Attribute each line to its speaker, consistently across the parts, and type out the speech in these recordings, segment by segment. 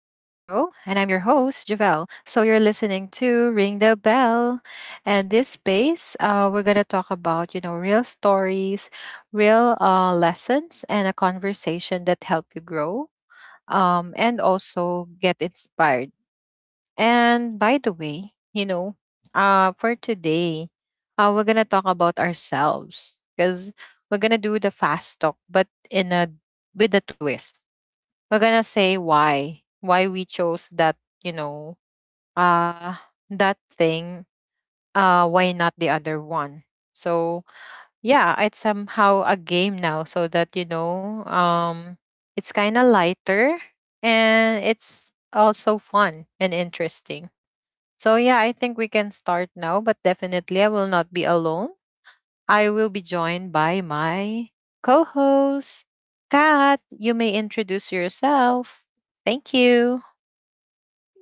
Speaker 1: And I'm your host, Javelle. So you're listening to Ring the Bell. And this space, we're going to talk about, you know, real stories, real lessons, and a conversation that help you grow and also get inspired. And by the way, you know, for today, we're gonna talk about ourselves because we're gonna do the fast talk, but in a with a twist. We're gonna say why we chose that you know uh that thing, why not the other one. So yeah, it's somehow a game now, so that it's kind of lighter, and it's also fun and interesting. So yeah, I think we can start now, but definitely I will not be alone. I will be joined by my co-host, Kat. You may introduce yourself. Thank you.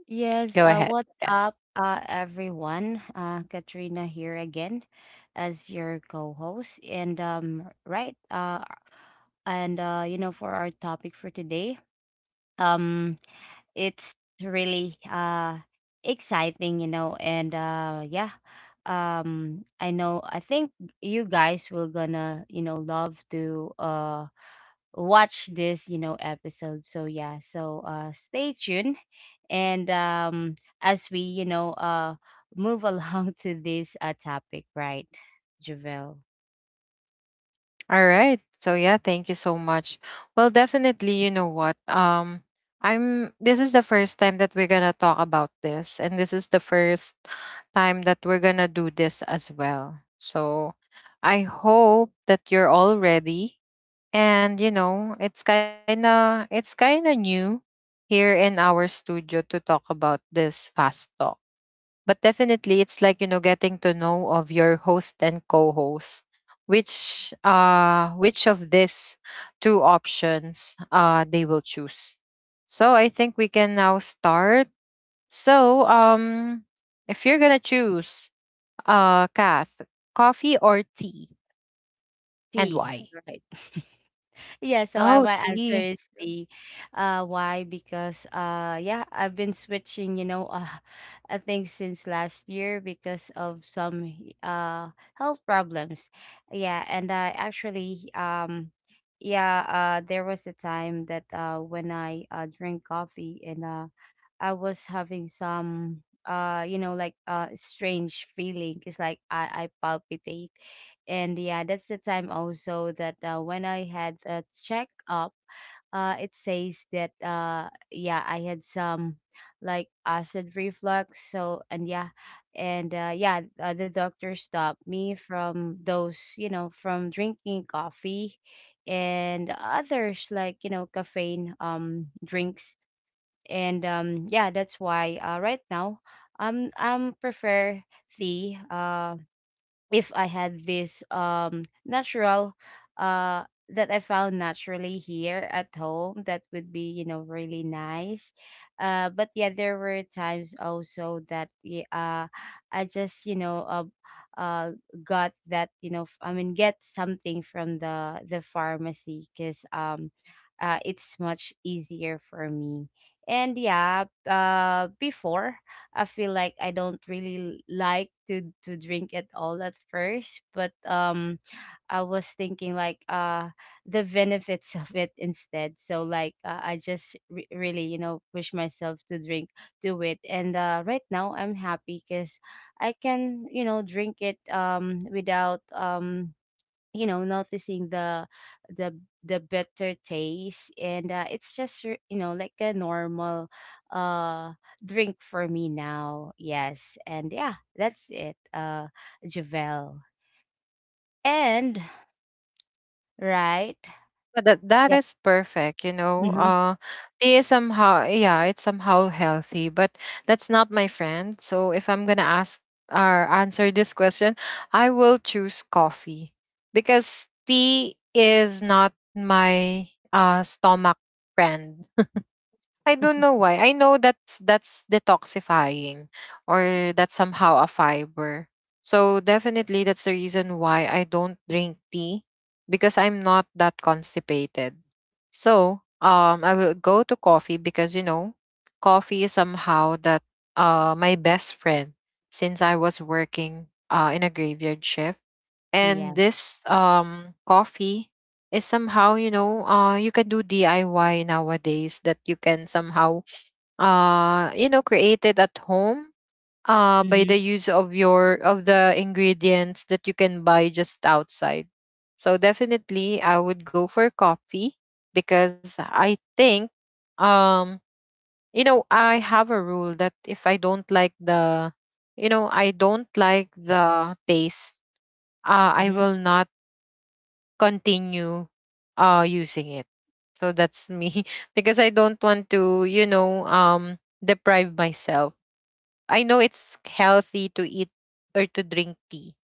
Speaker 2: Yes,
Speaker 1: Go ahead,
Speaker 2: what's
Speaker 1: Kat.
Speaker 2: up, everyone? Katrina here again as your co-host. And you know, for our topic for today, um, it's really exciting, you know, and yeah, I know, I think you guys will gonna, love to watch this episode. So yeah, so stay tuned. And as we move along to this topic, right, javel?
Speaker 1: All right. So yeah, thank you so much. Well, definitely, you know what? I'm This is the first time that we're going to talk about this, and this is the first time that we're going to do this as well. So I hope that you're all ready, and you know it's kind of new here in our studio to talk about this fast talk, but definitely it's like, you know, getting to know of your host and co-host, which of these two options they will choose. So I think we can now start. So if you're gonna choose, Kath, coffee or tea, and
Speaker 2: T.
Speaker 1: why?
Speaker 2: Right. Yeah, so
Speaker 1: Oh,
Speaker 2: my answer
Speaker 1: tea.
Speaker 2: is D. Why? Because yeah, I've been switching, I think since last year because of some health problems. Yeah, and I actually, yeah, there was a time that when I drink coffee, and I was having some like strange feeling. It's like I palpitate. And yeah, that's the time also that, when I had a check up It says that yeah, I had some like acid reflux, so. And yeah, and the doctor stopped me from those, you know, from drinking coffee and others, like, you know, caffeine drinks. And that's why right now, I'm prefer tea. If I had this natural, uh that I found naturally here at home, that would be really nice. But yeah, there were times also that, yeah, I just, uh, uh got that, I mean get something from the pharmacy, cuz it's much easier for me. And yeah, before, I feel like I don't really like to drink at all at first, but I was thinking like the benefits of it instead. So like, I just really, you know, push myself to drink to it. And right now I'm happy cuz I can, drink it without, noticing the the better taste. And it's just, you know, like a normal uh drink for me now. Yes, and yeah, that's it. Javel. And right.
Speaker 1: But that that
Speaker 2: Yeah.
Speaker 1: is perfect, you know.
Speaker 2: Hmm.
Speaker 1: Tea is somehow, yeah, it's somehow healthy, but that's not my friend. So if I'm gonna ask or answer this question, I will choose coffee. Because tea is not my stomach friend. I don't know why. I know that's detoxifying, or that's somehow a fiber. So definitely that's the reason why I don't drink tea, because I'm not that constipated. So I will go to coffee because, you know, coffee is somehow that my best friend since I was working in a graveyard shift.
Speaker 2: Yeah.
Speaker 1: And this coffee is somehow, you know, you can do DIY nowadays, that you can somehow you know create it at home by the
Speaker 2: Hmm.
Speaker 1: use of your of the ingredients that you can buy just outside. So definitely I would go for coffee, because I think um you know I have a rule that if I don't like the, you know, I don't like the taste, I
Speaker 2: Hmm.
Speaker 1: will not continue using it. So that's me because I don't want to, you know, deprive myself. I know it's healthy to eat or to drink tea,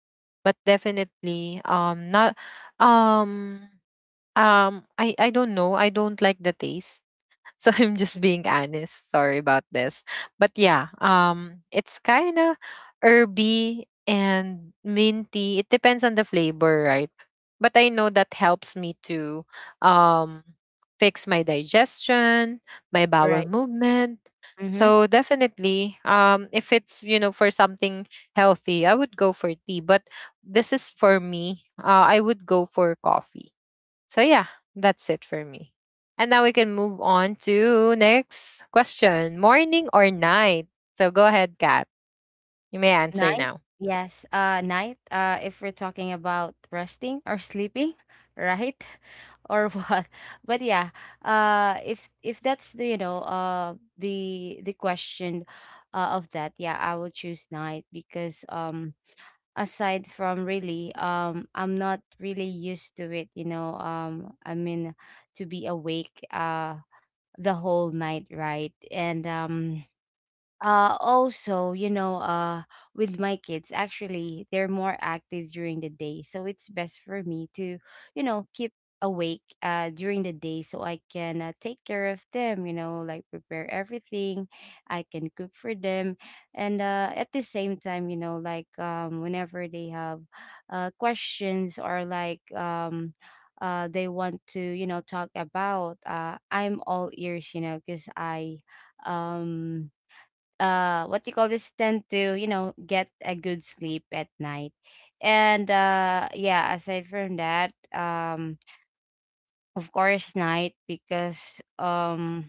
Speaker 1: but definitely not um I I don't know. I don't like the taste. So I'm just being honest. Sorry about this. But yeah, it's kind of herby and minty. It depends on the flavor, right? But I know that helps me to um fix my digestion, my bowel
Speaker 2: Right.
Speaker 1: movement.
Speaker 2: Hmm.
Speaker 1: So definitely, if it's, you know, for something healthy, I would go for tea, but this is for me. I would go for coffee, so yeah, that's it for me. And now we can move on to next question. Morning or night? So go ahead, Kat. You may answer
Speaker 2: Night?
Speaker 1: now.
Speaker 2: Yes, night. If we're talking about resting or sleeping, right? Or what? But yeah, if that's the, the question, of that, yeah, I would choose night because, aside from really, I'm not really used to it, you know. I mean, to be awake, the whole night, right? And also, with my kids, actually, they're more active during the day, so it's best for me to, keep awake during the day, so I can, take care of them, you know, like prepare everything. I can cook for them. And at the same time, you know, like, whenever they have questions or like, they want to, talk about, I'm all ears, you know, because I, um what do you call this, tend to, get a good sleep at night. And yeah, aside from that, of course night because, um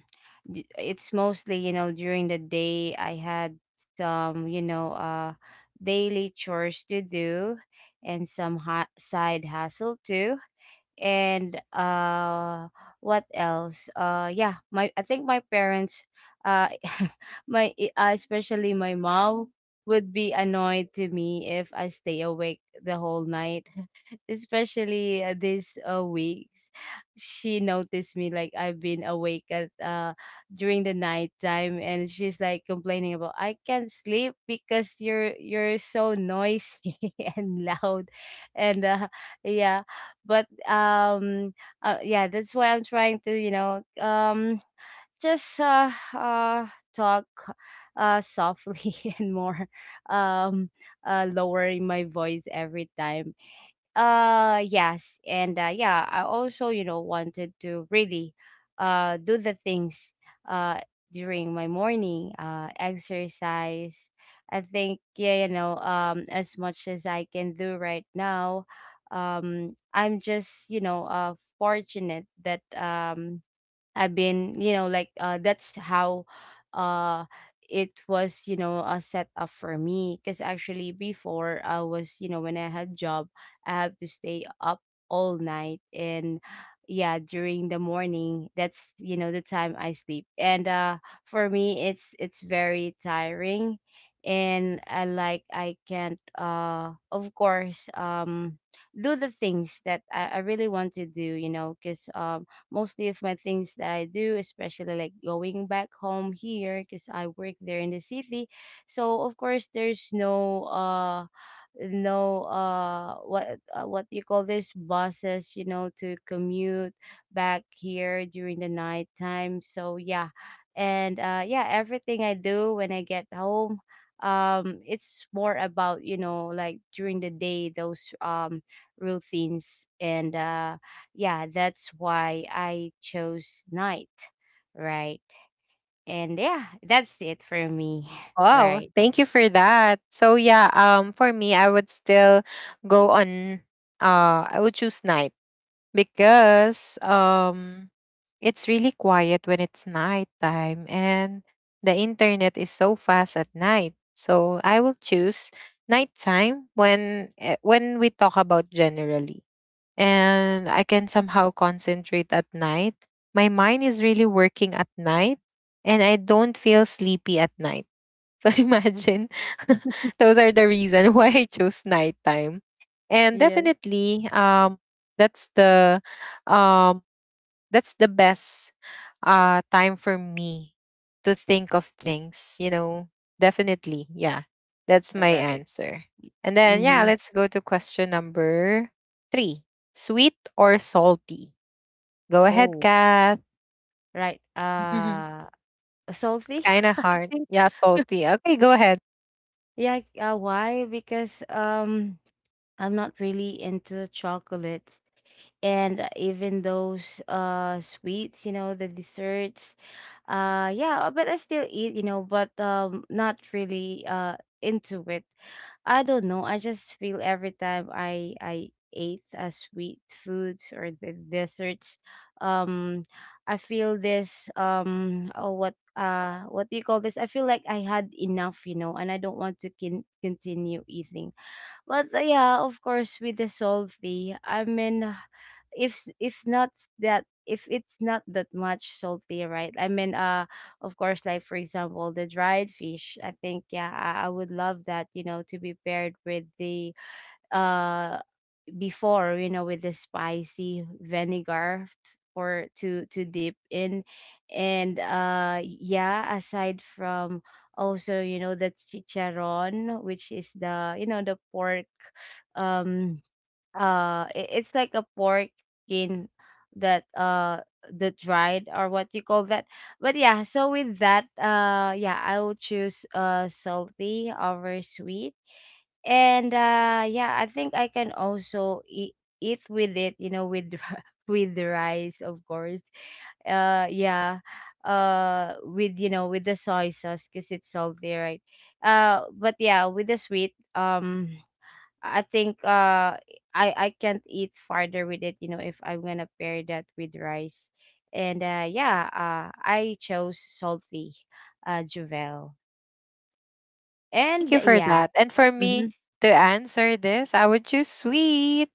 Speaker 2: it's mostly, you know, during the day I had some, daily chores to do, and some side hustle too. And what else? Yeah, my I think my parents, uh especially my mom, would be annoyed to me if I stay awake the whole night. Especially, these, weeks, she noticed me like I've been awake at, during the night time and she's like complaining about, "I can't sleep because you're so noisy" and loud. And yeah. But, yeah, that's why I'm trying to, just, talk softly and more, um lowering my voice every time. Yes. And yeah, I also, you know, wanted to really do the things uh during my morning exercise. I think, yeah, you know, as much as I can do right now. I'm just, fortunate that, I've been, you know, like, that's how uh it was, set up for me. Because actually, before I was, you know, when I had job, I have to stay up all night, and yeah, during the morning, that's you know the time I sleep. And for me, it's very tiring, and I like, I can't, of course, do the things that I really want to do, you know, because mostly of my things that I do, especially like going back home here because I work there in the city. So of course there's no what, what do you call this, buses, you know, to commute back here during the night time so yeah, and yeah, everything I do when I get home, it's more about, you know, like during the day those, routines. And, yeah, that's why I chose night, right? And yeah, that's it for me,
Speaker 1: Oh,
Speaker 2: right?
Speaker 1: thank you for that. So yeah, for me I would still go on, I would choose night, because it's really quiet when it's nighttime, and the internet is so fast at night. So I will choose nighttime when, when we talk about generally. And I can somehow concentrate at night. My mind is really working at night, and I don't feel sleepy at night. So imagine those are the reason why I chose nighttime. And
Speaker 2: Yeah.
Speaker 1: definitely that's the um that's the best time for me to think of things, you know. Definitely. Yeah. That's
Speaker 2: All
Speaker 1: my
Speaker 2: right.
Speaker 1: answer. And then yeah,
Speaker 2: Mm-hmm.
Speaker 1: let's go to question number 3. Sweet or salty? Go ahead,
Speaker 2: Oh,
Speaker 1: Kath.
Speaker 2: right.
Speaker 1: It's
Speaker 2: Salty,
Speaker 1: kind of
Speaker 2: I
Speaker 1: hard.
Speaker 2: think.
Speaker 1: Yeah, salty. Okay, go ahead.
Speaker 2: Yeah. Why? Because, I'm not really into chocolate. And even those sweets, you know, the desserts. Yeah, but I still eat, you know, but not really into it. I don't know, I just feel every time I ate, sweet foods or the desserts, um I feel this, what do you call this, I feel like I had enough, you know, and I don't want to continue eating. But, yeah, of course, with the salty, I mean, if if not if it's not that much salty, right? I mean, of course, like for example, the dried fish. I think, yeah, I would love that. You know, to be paired with the, uh before, you know, with the spicy vinegar, for to dip in. And yeah, aside from, also, you know, the chicharron, which is the, you know, the pork, um it's like a pork skin that, the dried, or what you call that. But yeah, so with that, yeah, I will choose salty over sweet. And yeah, I think I can also eat with it, you know, with, with the rice, of course. Yeah, with, you know, with the soy sauce because it's salty, right? But yeah, with the sweet, I think, I can't eat farther with it, you know, if I'm gonna pair that with rice. And I chose salty. Juvel.
Speaker 1: Thank
Speaker 2: And
Speaker 1: you for
Speaker 2: yeah.
Speaker 1: that. And for
Speaker 2: Mm-hmm.
Speaker 1: me to answer this, I would choose sweet,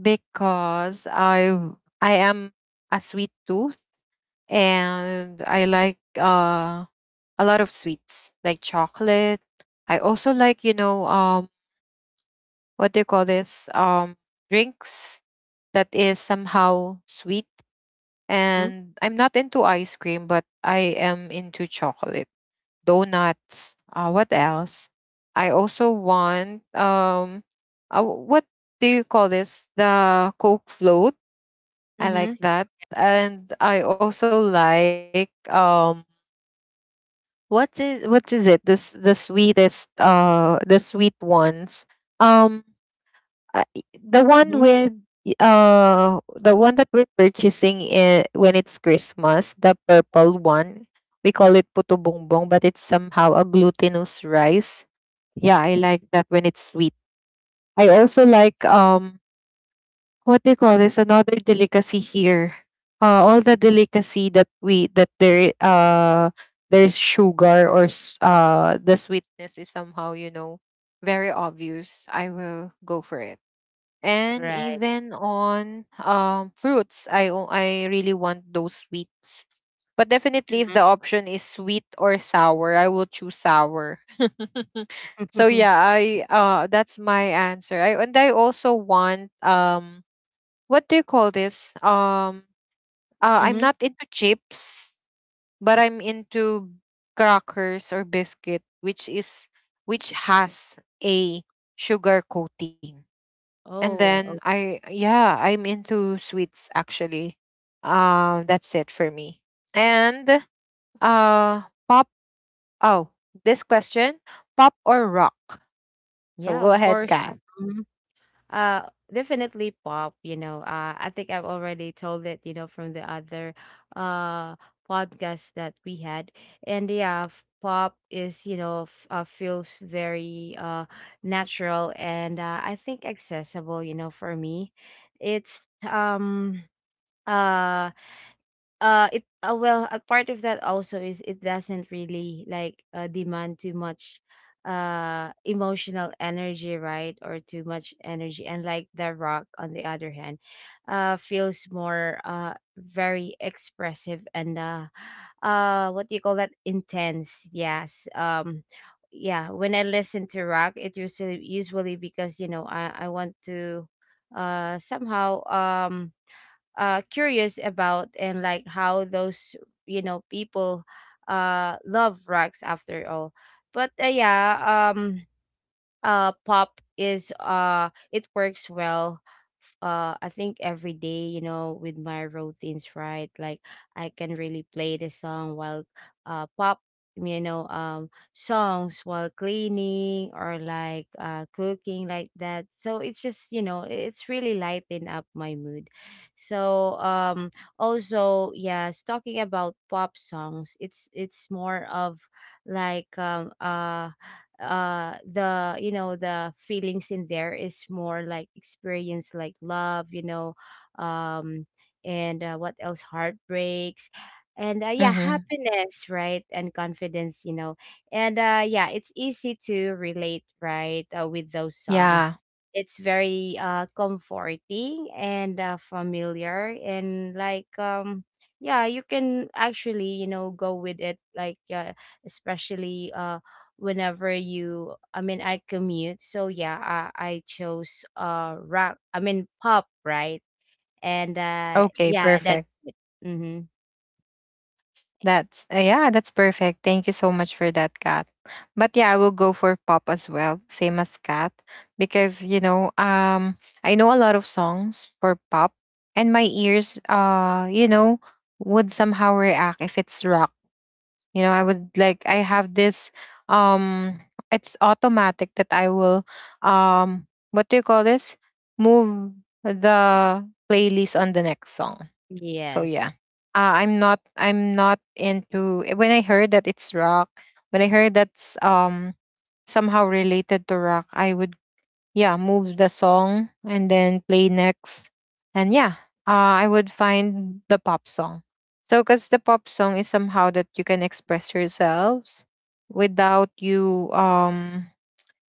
Speaker 1: because I am a sweet tooth, and I like a lot of sweets like chocolate. I also like, you know, what do you call this? Drinks that is somehow sweet.
Speaker 2: Mm-hmm.
Speaker 1: And I'm not into ice cream, but I am into chocolate donuts. What else? I also want, what do you call this? The Coke float. I like
Speaker 2: Mm-hmm.
Speaker 1: that, and I also like, what is it? This the sweetest, the sweet ones. Um, the one
Speaker 2: Mm-hmm.
Speaker 1: with, the one that we're purchasing, when it's Christmas, the purple one, we call it puto bongbong, but it's somehow a glutinous rice. Yeah, I like that when it's sweet. I also like what they call this another delicacy here. All the delicacy that we that there, there's sugar or, the sweetness is somehow, you know, very obvious. I will go for it. And
Speaker 2: Right.
Speaker 1: even on fruits, I really want those sweets. But definitely if the
Speaker 2: Mhm.
Speaker 1: option is sweet or sour, I will choose sour. So yeah, I that's my answer. I And I also want, what do you call this I'm
Speaker 2: Mhm.
Speaker 1: not into chips, but I'm into crackers or biscuit, which is which has a sugar coating. And
Speaker 2: Oh,
Speaker 1: then
Speaker 2: oh,
Speaker 1: I, yeah, I'm into sweets actually. Um, that's it for me. And uh pop oh, this question, pop or rock? So
Speaker 2: yeah,
Speaker 1: go
Speaker 2: of
Speaker 1: ahead,
Speaker 2: course.
Speaker 1: Kath.
Speaker 2: Mhm. Definitely pop, you know. I think I've already told it, you know, from the other, uh podcast that we had. And yeah, pop is, you know, feels very natural, and I think accessible, you know, for me. It's, uh it well, a part of that also is it doesn't really like, demand too much emotional energy, right? Or too much energy. And like the rock, on the other hand, feels more, very expressive, and what do you call that? Intense. Yes. Yeah. When I listen to rock, it usually because, you know, I want to, somehow, curious about and like how those, you know, people love rugs after all. But, yeah, pop is, it works well. I think every day, you know, with my routines, right? Like I can really play the song while, pop, you know, songs while cleaning or like cooking like that. So it's just, you know, it's really lighten up my mood. So, also yes, talking about pop songs, it's more of like, the, you know, the feelings in there is more like experience, like love, you know. um and what else? Heartbreaks, and yeah,
Speaker 1: Mhm.
Speaker 2: happiness, right, and confidence, you know. And yeah, it's easy to relate, right, with those songs.
Speaker 1: Yeah.
Speaker 2: It's very comforting, and familiar and like, yeah, you can actually, you know, go with it like, especially, whenever you, I mean I commute, so yeah. I chose rock, I mean pop, right. And
Speaker 1: Okay,
Speaker 2: yeah, that's
Speaker 1: perfect.
Speaker 2: it. Mm-hmm.
Speaker 1: That's, yeah, that's perfect. Thank you so much for that, Kat. But yeah, I will go for pop as well, same as Kat, because you know, I know a lot of songs for pop, and my ears, you know, would somehow react if it's rock. You know, I would like I have this, um, it's automatic that I will, what do you call this? Move the playlist on the next song. So
Speaker 2: Yes.
Speaker 1: yeah, I'm not into when I heard that it's rock. When I heard that's somehow related to rock, I would, yeah, move the song and then play next, and yeah, I would find the pop song. So because the pop song is somehow that you can express yourselves without you,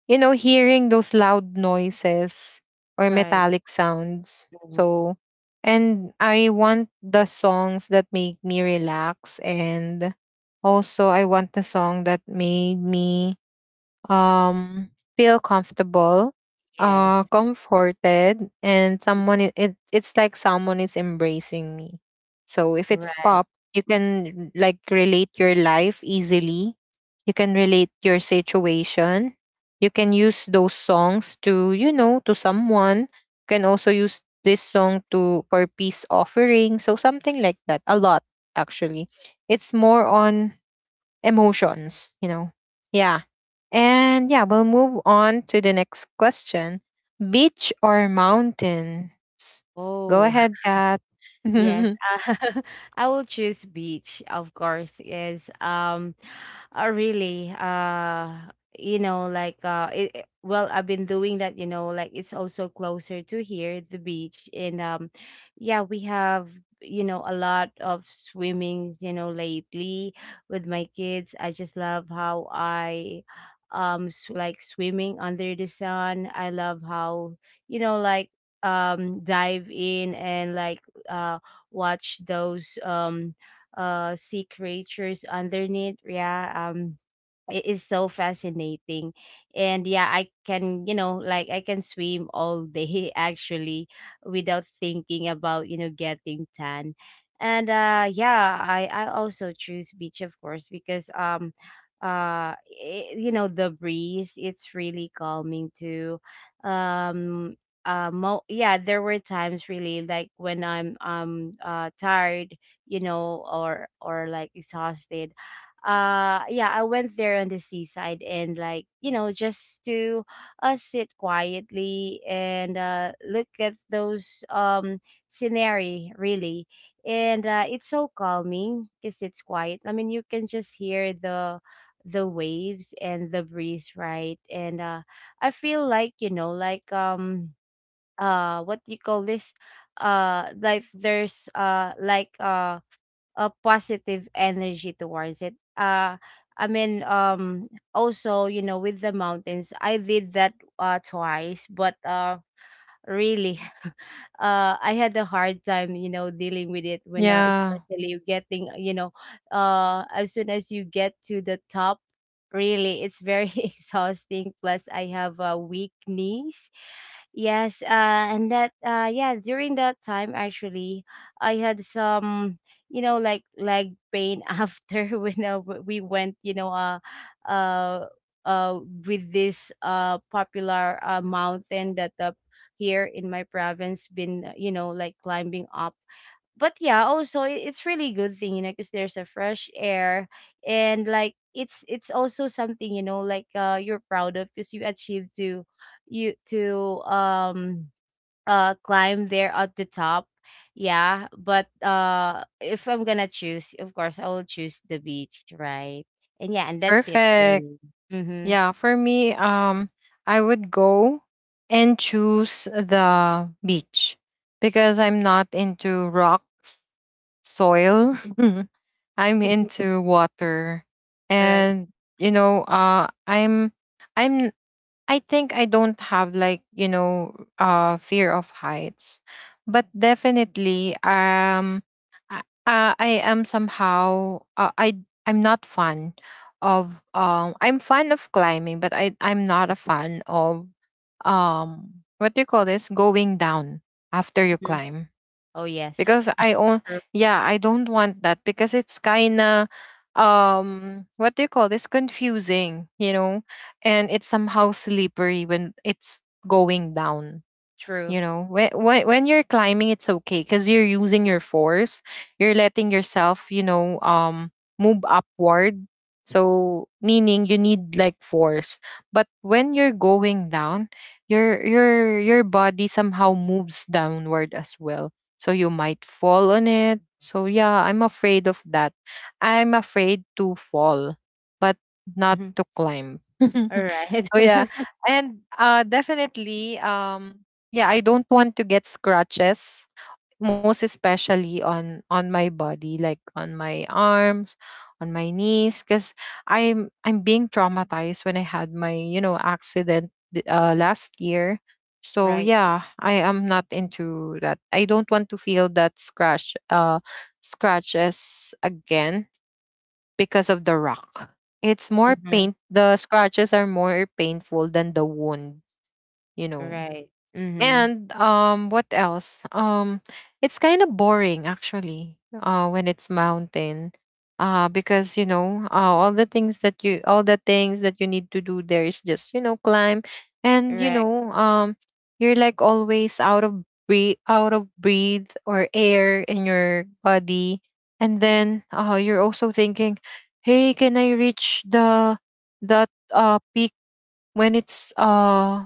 Speaker 1: you know, hearing those loud noises or
Speaker 2: Right.
Speaker 1: metallic sounds.
Speaker 2: Mhm.
Speaker 1: So, and I want the songs that make me relax. And also I want the song that made me um feel comfortable,
Speaker 2: Yes.
Speaker 1: comforted, and someone, it it's like someone is embracing me. So if it's
Speaker 2: Right.
Speaker 1: pop, you can like relate your life easily. You can relate your situation, you can use those songs to, you know, to someone. You can also use this song to for peace offering, so something like that, a lot actually. It's more on emotions, you know. Yeah. And yeah, we'll move on to the next question. Beach or mountains? Go
Speaker 2: Oh.
Speaker 1: ahead, Kat.
Speaker 2: Yes, uh, I will choose beach, of course, is, really, you know, like, well, I've been doing that, you know, like it's also closer to here, the beach. And yeah, we have a lot of swimmings, lately with my kids. I just love how I like swimming under the sun. I love how you know like dive in and like uh watch those sea creatures underneath. Yeah, it is so fascinating. And yeah, I can you know like I can swim all day actually without thinking about getting tan. And yeah, I also choose beach, of course, because I, the breeze, it's really calming too. um yeah, there were times really, like when I'm tired, or like exhausted. Yeah, I went there on the seaside, and like, just to sit quietly and look at those scenery really. And it's so calming because it's quiet. I mean, you can just hear the waves and the breeze, right? And I feel like, like, what do you call this, like there's, like, a positive energy towards it. I mean, also, with the mountains, I did that twice, but really, I had a hard time, dealing with it when,
Speaker 1: Yeah,
Speaker 2: especially you getting, as soon as you get to the top, really, it's very exhausting. Plus, I have weak knees. Yes, and that, yeah, during that time, actually, I had some, like leg pain after when we went, uh, uh, with this popular mountain that here in my province been like climbing up. But yeah, also it's really good thing, because there's a fresh air. And like it's also something, like, you're proud of because you achieved to you to climb there at the top. Yeah, but if I'm gonna choose, of course I will choose the beach, right? And yeah, and that's it for
Speaker 1: perfect.
Speaker 2: me. Mm-hmm.
Speaker 1: Yeah, for me, I would go and choose the beach, because I'm not into rocks, soil. I'm into water,
Speaker 2: All right.
Speaker 1: and you know, I'm I think I don't have like, you know, fear of heights. But definitely I, I am somehow, I I'm not fan of, I'm fan of climbing, but I I'm not a fan of, what do you call this? Going down after you
Speaker 2: Mhm.
Speaker 1: climb,
Speaker 2: Oh yes,
Speaker 1: because I own,
Speaker 2: true,
Speaker 1: yeah, I don't want that, because it's kinda, what do you call this? Confusing, you know? And it's somehow slippery when it's going down,
Speaker 2: true.
Speaker 1: you know, when when you're climbing it's okay because you're using your force, you're letting yourself, you know, move upward, so meaning you need like force. But when you're going down, your body somehow moves downward as well, so you might fall on it. So yeah, I'm afraid of that, I'm afraid to fall, but not to climb.
Speaker 2: All right.
Speaker 1: So yeah, and definitely, yeah, I don't want to get scratches, most especially on my body, like on my arms, on my knees, because i'm being traumatized when I had my, you know, accident, last year. So
Speaker 2: Right.
Speaker 1: yeah, I am not into that. I don't want to feel that scratches again, because of the rock. It's more
Speaker 2: Mhm.
Speaker 1: pain, the scratches are more painful than the wound, you know.
Speaker 2: Right. Mhm.
Speaker 1: And um, what else? Um, it's kind of boring actually when it's mountain. Because you know, all the things that you need to do there is just, you know, climb and you
Speaker 2: Right.
Speaker 1: know, you're like always out of breath or air in your body. And then you're also thinking, "Hey, can I reach the that peak when it's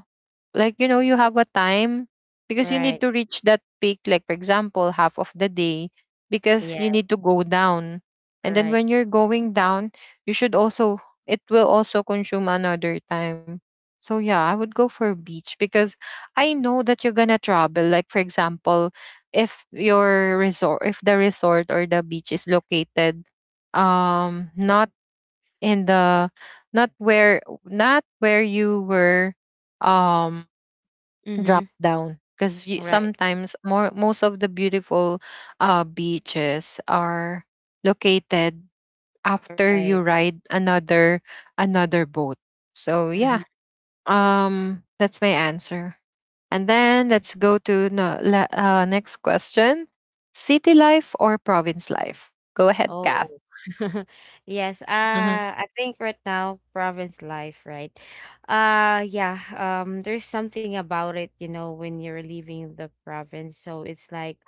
Speaker 1: like you know you have a time because you need
Speaker 2: Right.
Speaker 1: to reach that peak, like, for example, half of the day because you
Speaker 2: Yeah.
Speaker 1: need to go down and then
Speaker 2: Right.
Speaker 1: when you're going down you should also it will also consume another time. So yeah, I would go for beach because I know that you're gonna travel, like, for example, if the resort or the beach is located, not in the not where you were um drop
Speaker 2: Mhm.
Speaker 1: down, because
Speaker 2: Right.
Speaker 1: sometimes more most of the beautiful beaches are located after you
Speaker 2: Right.
Speaker 1: ride another boat. So
Speaker 2: Mhm.
Speaker 1: yeah, that's my answer. And then let's go to no, la, next question. City life or province life. Go ahead,
Speaker 2: Oh,
Speaker 1: Kath.
Speaker 2: yes.
Speaker 1: Mhm.
Speaker 2: I think right now, province life, right? Yeah. There's something about it, you know, when you're leaving the province. So it's like,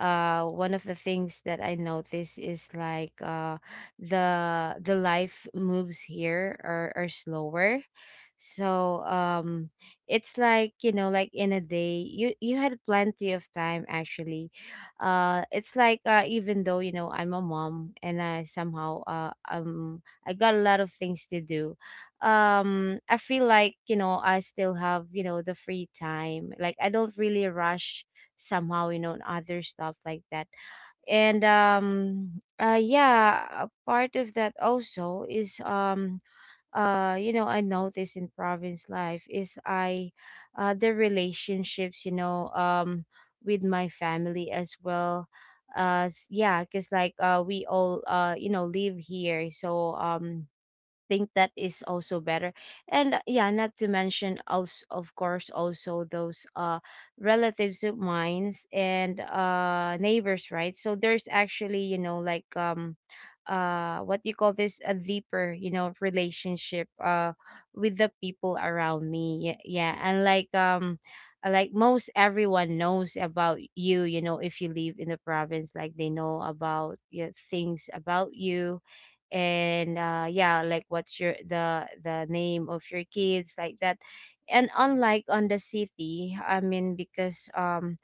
Speaker 2: one of the things that I notice is like, the life moves here are slower. So, it's like, you know, like in a day, you had plenty of time actually. It's like, even though you know I'm a mom and I somehow I got a lot of things to do. I feel like, I still have, the free time, like I don't really rush somehow, and other stuff like that. And yeah, a part of that also is, I noticed in province life is I, the relationships, with my family as well. Yeah, because like we all live here, so think that is also better. And yeah, not to mention also, of course, also those relatives of mine and neighbors, right? So there's actually, like, what do you call this, a deeper, relationship, with the people around me. Yeah, yeah. And like, like most everyone knows about you, you know if you live in the province, like they know about yeah, things about you. And yeah, like what's your the name of your kids, like that. And unlike on the city, I mean, because,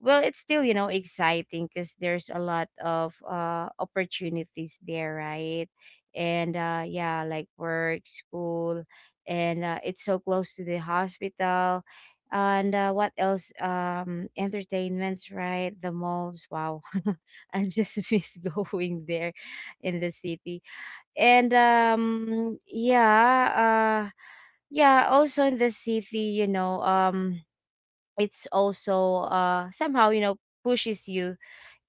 Speaker 2: well, it's still, exciting because there's a lot of opportunities there, right? And yeah, like work, school, and it's so close to the hospital. And what else, entertainments, right, the malls, wow. I just miss going there in the city. And yeah, yeah, also in the city, it's also somehow, you know, pushes you,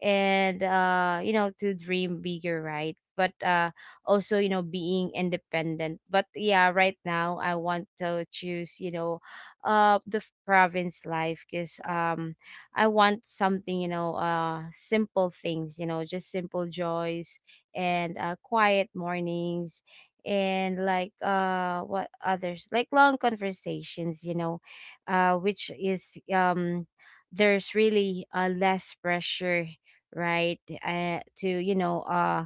Speaker 2: and to dream bigger, right? But also, you know, being independent. But yeah, right now I want to choose, province life because I want something, simple things, you know, just simple joys, and quiet mornings, and like what others, like long conversations, which is, there's really, less pressure, right? To,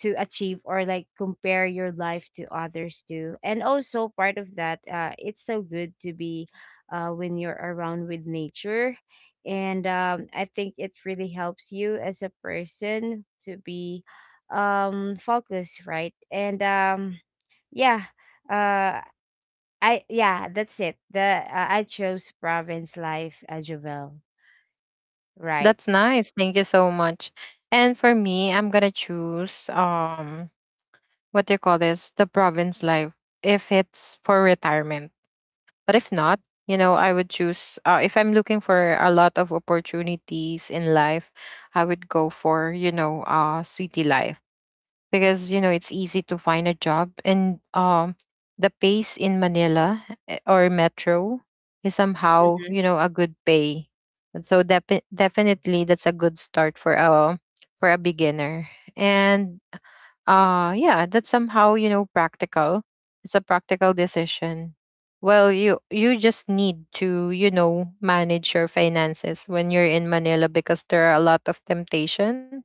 Speaker 2: to achieve, or like compare your life to others too. And also part of that, it's so good to be when you're around with nature. And I think it really helps you as a person to be focused, right? And yeah, uh I, yeah, that's it, the I chose province life as well, right?
Speaker 1: That's nice, thank you so much. And for me, I'm gonna choose, what do you call this, the province life if it's for retirement. But if not, you know, I would choose, if I'm looking for a lot of opportunities in life, I would go for, you know, city life because, you know, it's easy to find a job, and the pace in Manila, eh, or metro is somehow,
Speaker 2: Hmm.
Speaker 1: you know, a good pay. So definitely that's a good start for a beginner. And yeah, that's somehow, you know, practical. It's a practical decision. Well, you just need to, you know, manage your finances when you're in Manila because there are a lot of temptations,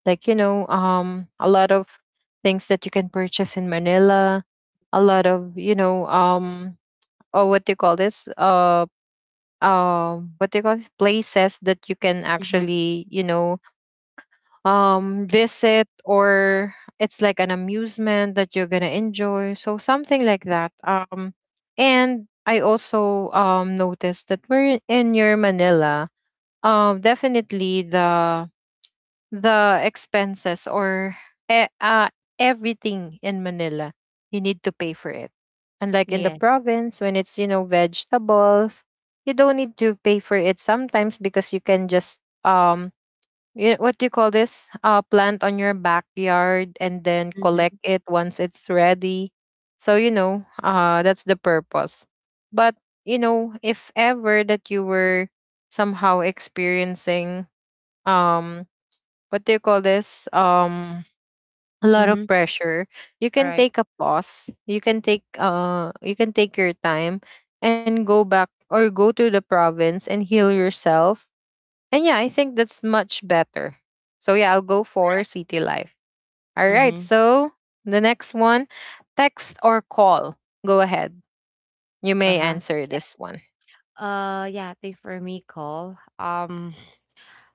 Speaker 1: like, you know, a lot of things that you can purchase in Manila, a lot
Speaker 2: Right.
Speaker 1: of, you know, or what do you call this, what do you call this, places that you can
Speaker 2: Hmm.
Speaker 1: actually, you know, visit, or it's like an amusement that you're gonna enjoy, so something like that. And I also noticed that we're in your Manila, definitely the expenses or e- uh, everything in Manila, you need to pay for it, unlike in the
Speaker 2: Yes.
Speaker 1: province when it's, you know, vegetables, you don't need to pay for it sometimes because you can just, um you, what do you call this? Plant on your backyard and then collect it once it's ready. So, you know, that's the purpose. But, you know, if ever that you were somehow experiencing, um, what do you call this? A lot of
Speaker 2: Mhm.
Speaker 1: pressure, you can
Speaker 2: Alright.
Speaker 1: take a pause. You can take your time and go back or go to the province and heal yourself. And yeah, I think that's much better. So yeah, I'll go for city life. All right.
Speaker 2: Mhm.
Speaker 1: So the next one, text or call. Go ahead. You may
Speaker 2: Uh-huh.
Speaker 1: answer this one.
Speaker 2: Yeah, I think for me, Cole,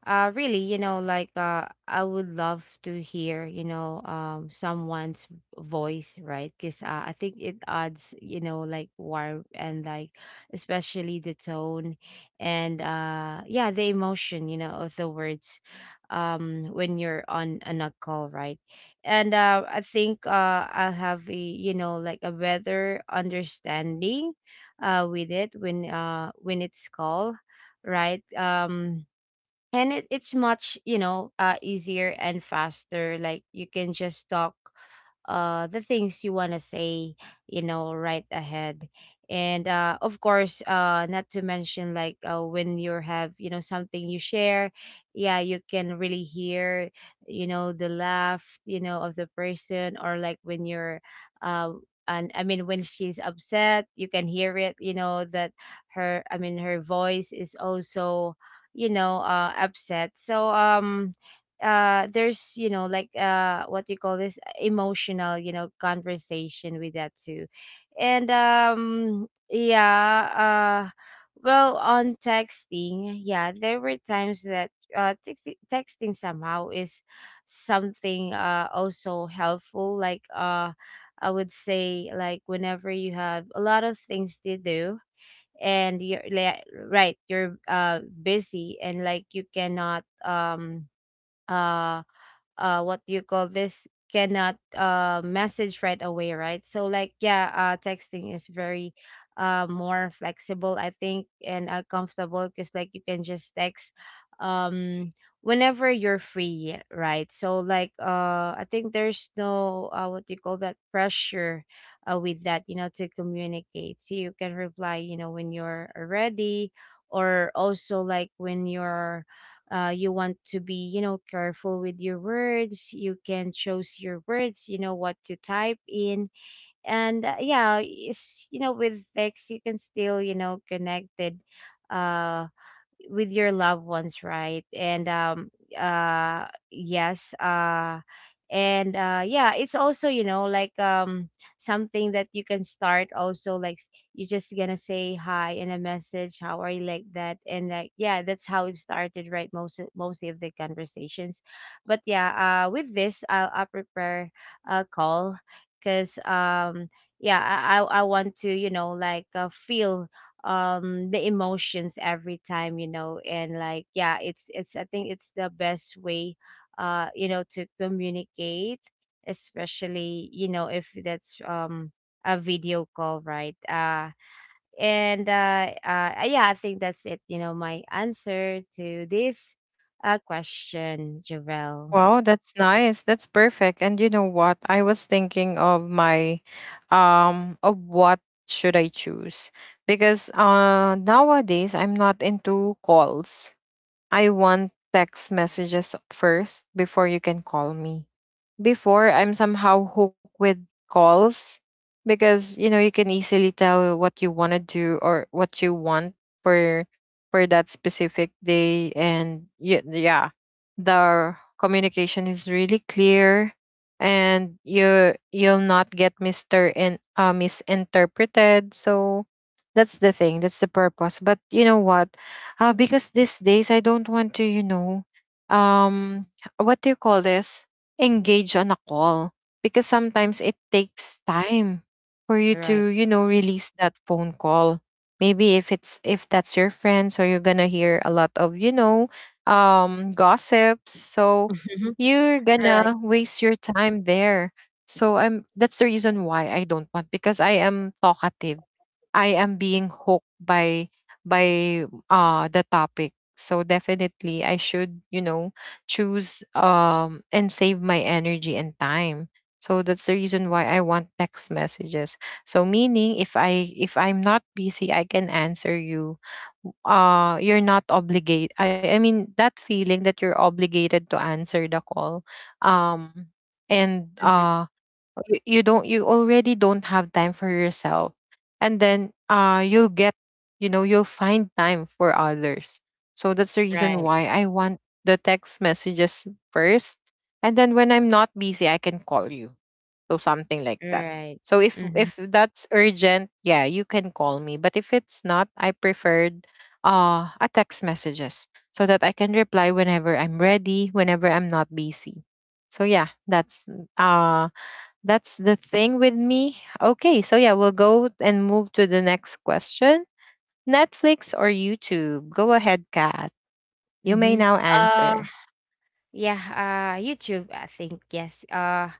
Speaker 2: really, like, I would love to hear, someone's voice, right? Because I think it adds, like warmth, and like, especially the tone. And yeah, the emotion, you know, of the words, when you're on a call, right? And I think, I'll have a, like a better understanding, with it when, when it's called, right? And it's much, easier and faster, like you can just talk the things you want to say, right ahead. And of course, not to mention, like, when you have, you know, something you share, yeah, you can really hear, the laugh, of the person, or like when you're, uh and I mean, when she's upset, you can hear it. You know that her, I mean, her voice is also, upset, so there's, you know, like, what you call this, emotional, conversation with that too. And yeah. uh well, on texting, yeah, there were times that, texting somehow is something, also helpful, like, I would say, like whenever you have a lot of things to do, and you're like, right, you're busy, and like you cannot, uh what do you call this, cannot message right away, right? So like, yeah, texting is very, more flexible, I think, and comfortable because like you can just text, um whenever you're free, right? So like, I think there's no, what do you call that, pressure, with that, you know, to communicate, so you can reply, when you're ready. Or also, like, when you're, you want to be, you know, careful with your words. You can choose your words, you know, what to type in. And yeah, it's, you know, with text you can still, connected, uh, with your loved ones, right? And yes, and yeah, it's also, you know, like, something that you can start, also like, you're just gonna say hi and a message, how are you, like that? And like yeah, that's how it started, right? Mostly of the conversations. But yeah, with this I'll prepare a call, because yeah, I want to, you know, like, feel, the emotions every time, you know. And like yeah, it's I think it's the best way, you know, to communicate, especially, you know, if that's, a video call, right? And yeah, I think that's it, you know, my answer to this question, Javel.
Speaker 1: Wow, that's nice. That's perfect. And you know what? I was thinking of my of what should I choose? Because nowadays I'm not into calls. I want text messages first before you can call me, before I'm somehow hooked with calls, because you know, you can easily tell what you want to do or what you want for that specific day. And yeah, yeah, the communication is really clear and you'll not get mister and misinterpreted, so that's the thing, that's the purpose. But you know what, because these days I don't want to, you know, um what do you call this, engage on a call, because sometimes it takes time for you
Speaker 2: Right.
Speaker 1: to, you know, release that phone call. Maybe if it's if that's your friend, so you're gonna hear a lot of, you know, gossips, so you're
Speaker 2: Right.
Speaker 1: gonna waste your time there. So I'm that's the reason why I don't want, because I am talkative. I am being hooked by by the topic. So definitely, I should, you know, choose, and save my energy and time. So that's the reason why I want text messages. So meaning if I if I'm not busy, I can answer you. You're not obligated. I mean, that feeling that you're obligated to answer the call. um and
Speaker 2: Mhm.
Speaker 1: you don't, you already don't have time for yourself, and then you'll get you know you'll find time for others. So that's the reason
Speaker 2: Right.
Speaker 1: why I want the text messages first, and then when I'm not busy, I can call you. So something like
Speaker 2: Right.
Speaker 1: that.
Speaker 2: Right.
Speaker 1: So if
Speaker 2: Mhm.
Speaker 1: that's urgent, yeah, you can call me, but if it's not, I preferred a text messages so that I can reply whenever I'm ready, whenever I'm not busy. So yeah, uh that's the thing with me. Okay, so yeah, we'll go and move to the next question. Netflix or YouTube? Go ahead, Kat. You may
Speaker 2: Mhm.
Speaker 1: now answer.
Speaker 2: Yeah, YouTube, I think, yes.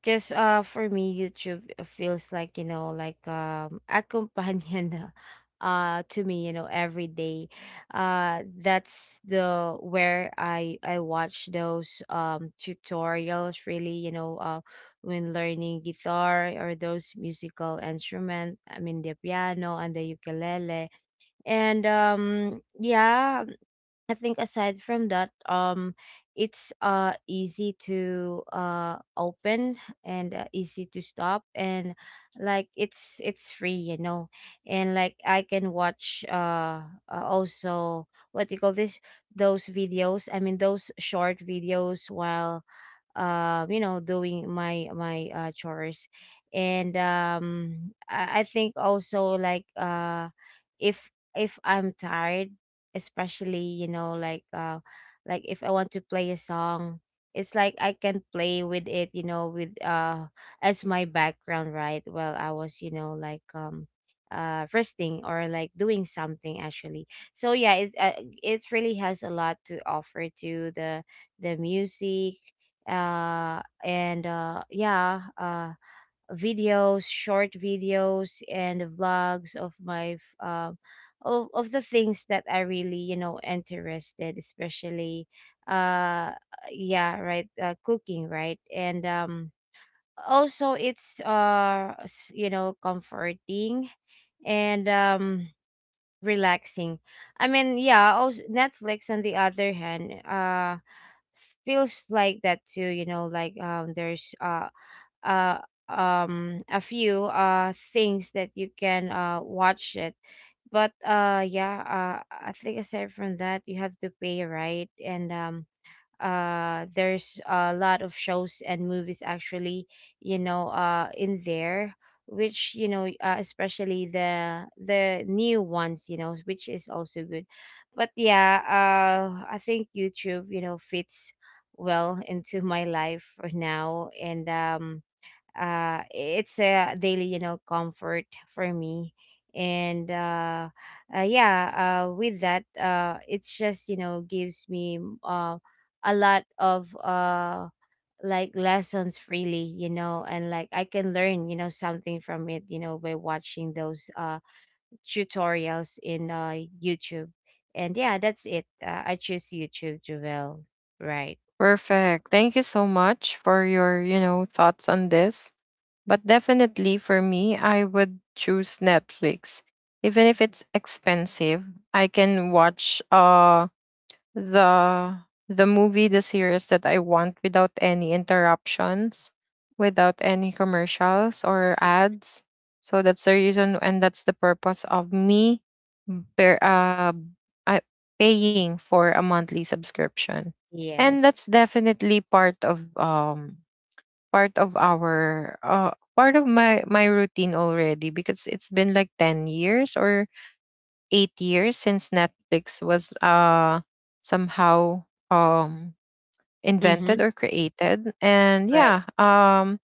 Speaker 2: Because for me YouTube feels like, you know, like a companion to me, you know, every day. That's the where I watch those tutorials really, you know, when learning guitar or those musical instrument, I mean the piano and the ukulele. And yeah, I think aside from that, it's easy to open, and easy to stop, and like it's free, you know, and like I can watch, also, what do you call this, those videos? I mean those short videos while doing my chores and I think also like if if I'm tired, especially like if I want to play a song, it's like I can play with it, you know with as my background, right? While I was, resting or like doing something actually. So yeah, it really has a lot to offer to the music, and yeah, videos, short videos, and vlogs of of the things that I really, you know, interested, especially uh, yeah, right, cooking, right? And also it's you know, comforting and relaxing. I mean, yeah, also Netflix on the other hand feels like that too, you know, there's uh a few things that you can watch it. But yeah, I think aside from that, you have to pay, right? And there's a lot of shows and movies, actually, you know, in there, which, you know, especially the new ones, you know, which is also good. But yeah, I think YouTube, you know, fits well into my life for now. And it's a daily, you know, comfort for me. And yeah, with that, it's just, you know, gives me a lot of like lessons freely, you know, and like I can learn, you know, something from it, you know, by watching those tutorials in YouTube. And yeah, that's it. I choose YouTube, Jovel. Right.
Speaker 1: Perfect. Thank you so much for your, you know, thoughts on this. But definitely for me, I would choose Netflix. Even if it's expensive, I can watch the the movie the series that I want without any interruptions, without any commercials or ads. So that's the reason, and that's the purpose of me bear, uh, I, paying for a monthly subscription. And
Speaker 2: Yes.
Speaker 1: that's definitely part of our part of my routine already, because it's been like 10 years or 8 years since Netflix was somehow um
Speaker 2: Mm-hmm.
Speaker 1: invented or created. And
Speaker 2: Right.
Speaker 1: yeah,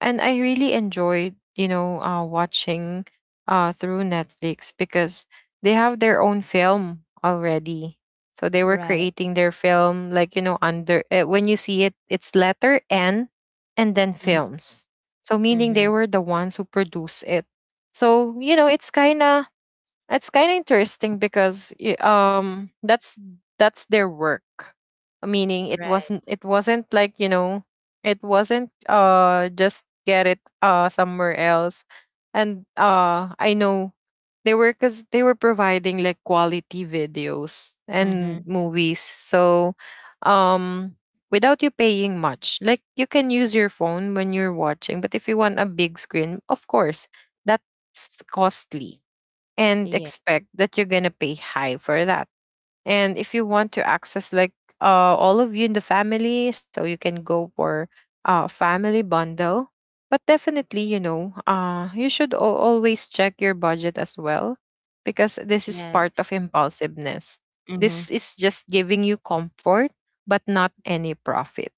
Speaker 1: and I really enjoyed, you know, watching through Netflix because they have their own film already. So they were
Speaker 2: Right.
Speaker 1: creating their film, like, you know, under, when you see it, it's letter N and then
Speaker 2: Mm-hmm.
Speaker 1: films. So meaning
Speaker 2: Mm-hmm.
Speaker 1: they were the ones who produce it. So, you know, it's kind of, interesting, because that's their work. Meaning
Speaker 2: Right.
Speaker 1: it wasn't, like, you know, it wasn't just get it somewhere else. And I know they were providing, like, quality videos and
Speaker 2: Mhm.
Speaker 1: movies. So um without you paying much. Like, you can use your phone when you're watching, but if you want a big screen, of course, that's costly, and
Speaker 2: Yeah.
Speaker 1: expect that you're gonna pay high for that. And if you want to access, like, all of you in the family, so you can go for family bundle. But definitely, you know, you should always check your budget as well, because this is part
Speaker 2: Yes.
Speaker 1: of impulsiveness.
Speaker 2: Mhm.
Speaker 1: This is just giving you comfort but not any profit.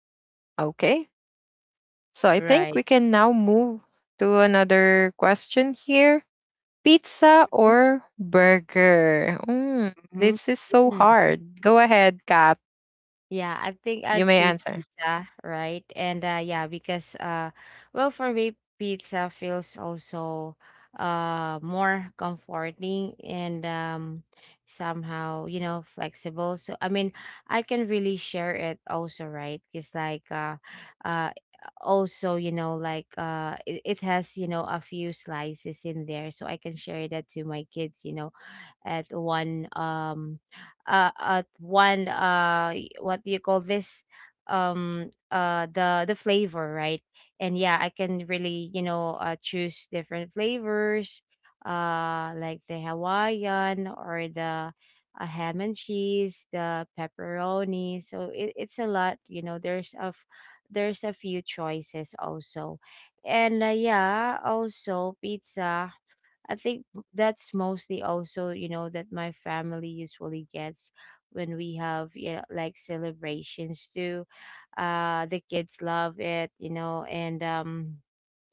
Speaker 1: Okay? So I think we
Speaker 2: Right.
Speaker 1: can now move to another question here. Pizza or burger? Mm,
Speaker 2: Mhm.
Speaker 1: this is so
Speaker 2: Mm.
Speaker 1: hard. Go ahead, Kat.
Speaker 2: Yeah, I think I'll
Speaker 1: You may
Speaker 2: choose
Speaker 1: answer.
Speaker 2: pizza, right? And yeah, because well, for me, pizza feels also more comforting and somehow, you know, flexible. So I mean, I can really share it also, right? Because uh also, you know, it has, you know, a few slices in there, so I can share that to my kids, you know, at one um at one what do you call this, the flavor, right? And yeah, I can really, you know, choose different flavors, like the Hawaiian or the ham and cheese, the pepperoni. So it's a lot, you know, there's a few choices also. And yeah, also pizza, I think, that's mostly also, you know, that my family usually gets when we have, yeah, like celebrations too. The kids love it, you know, and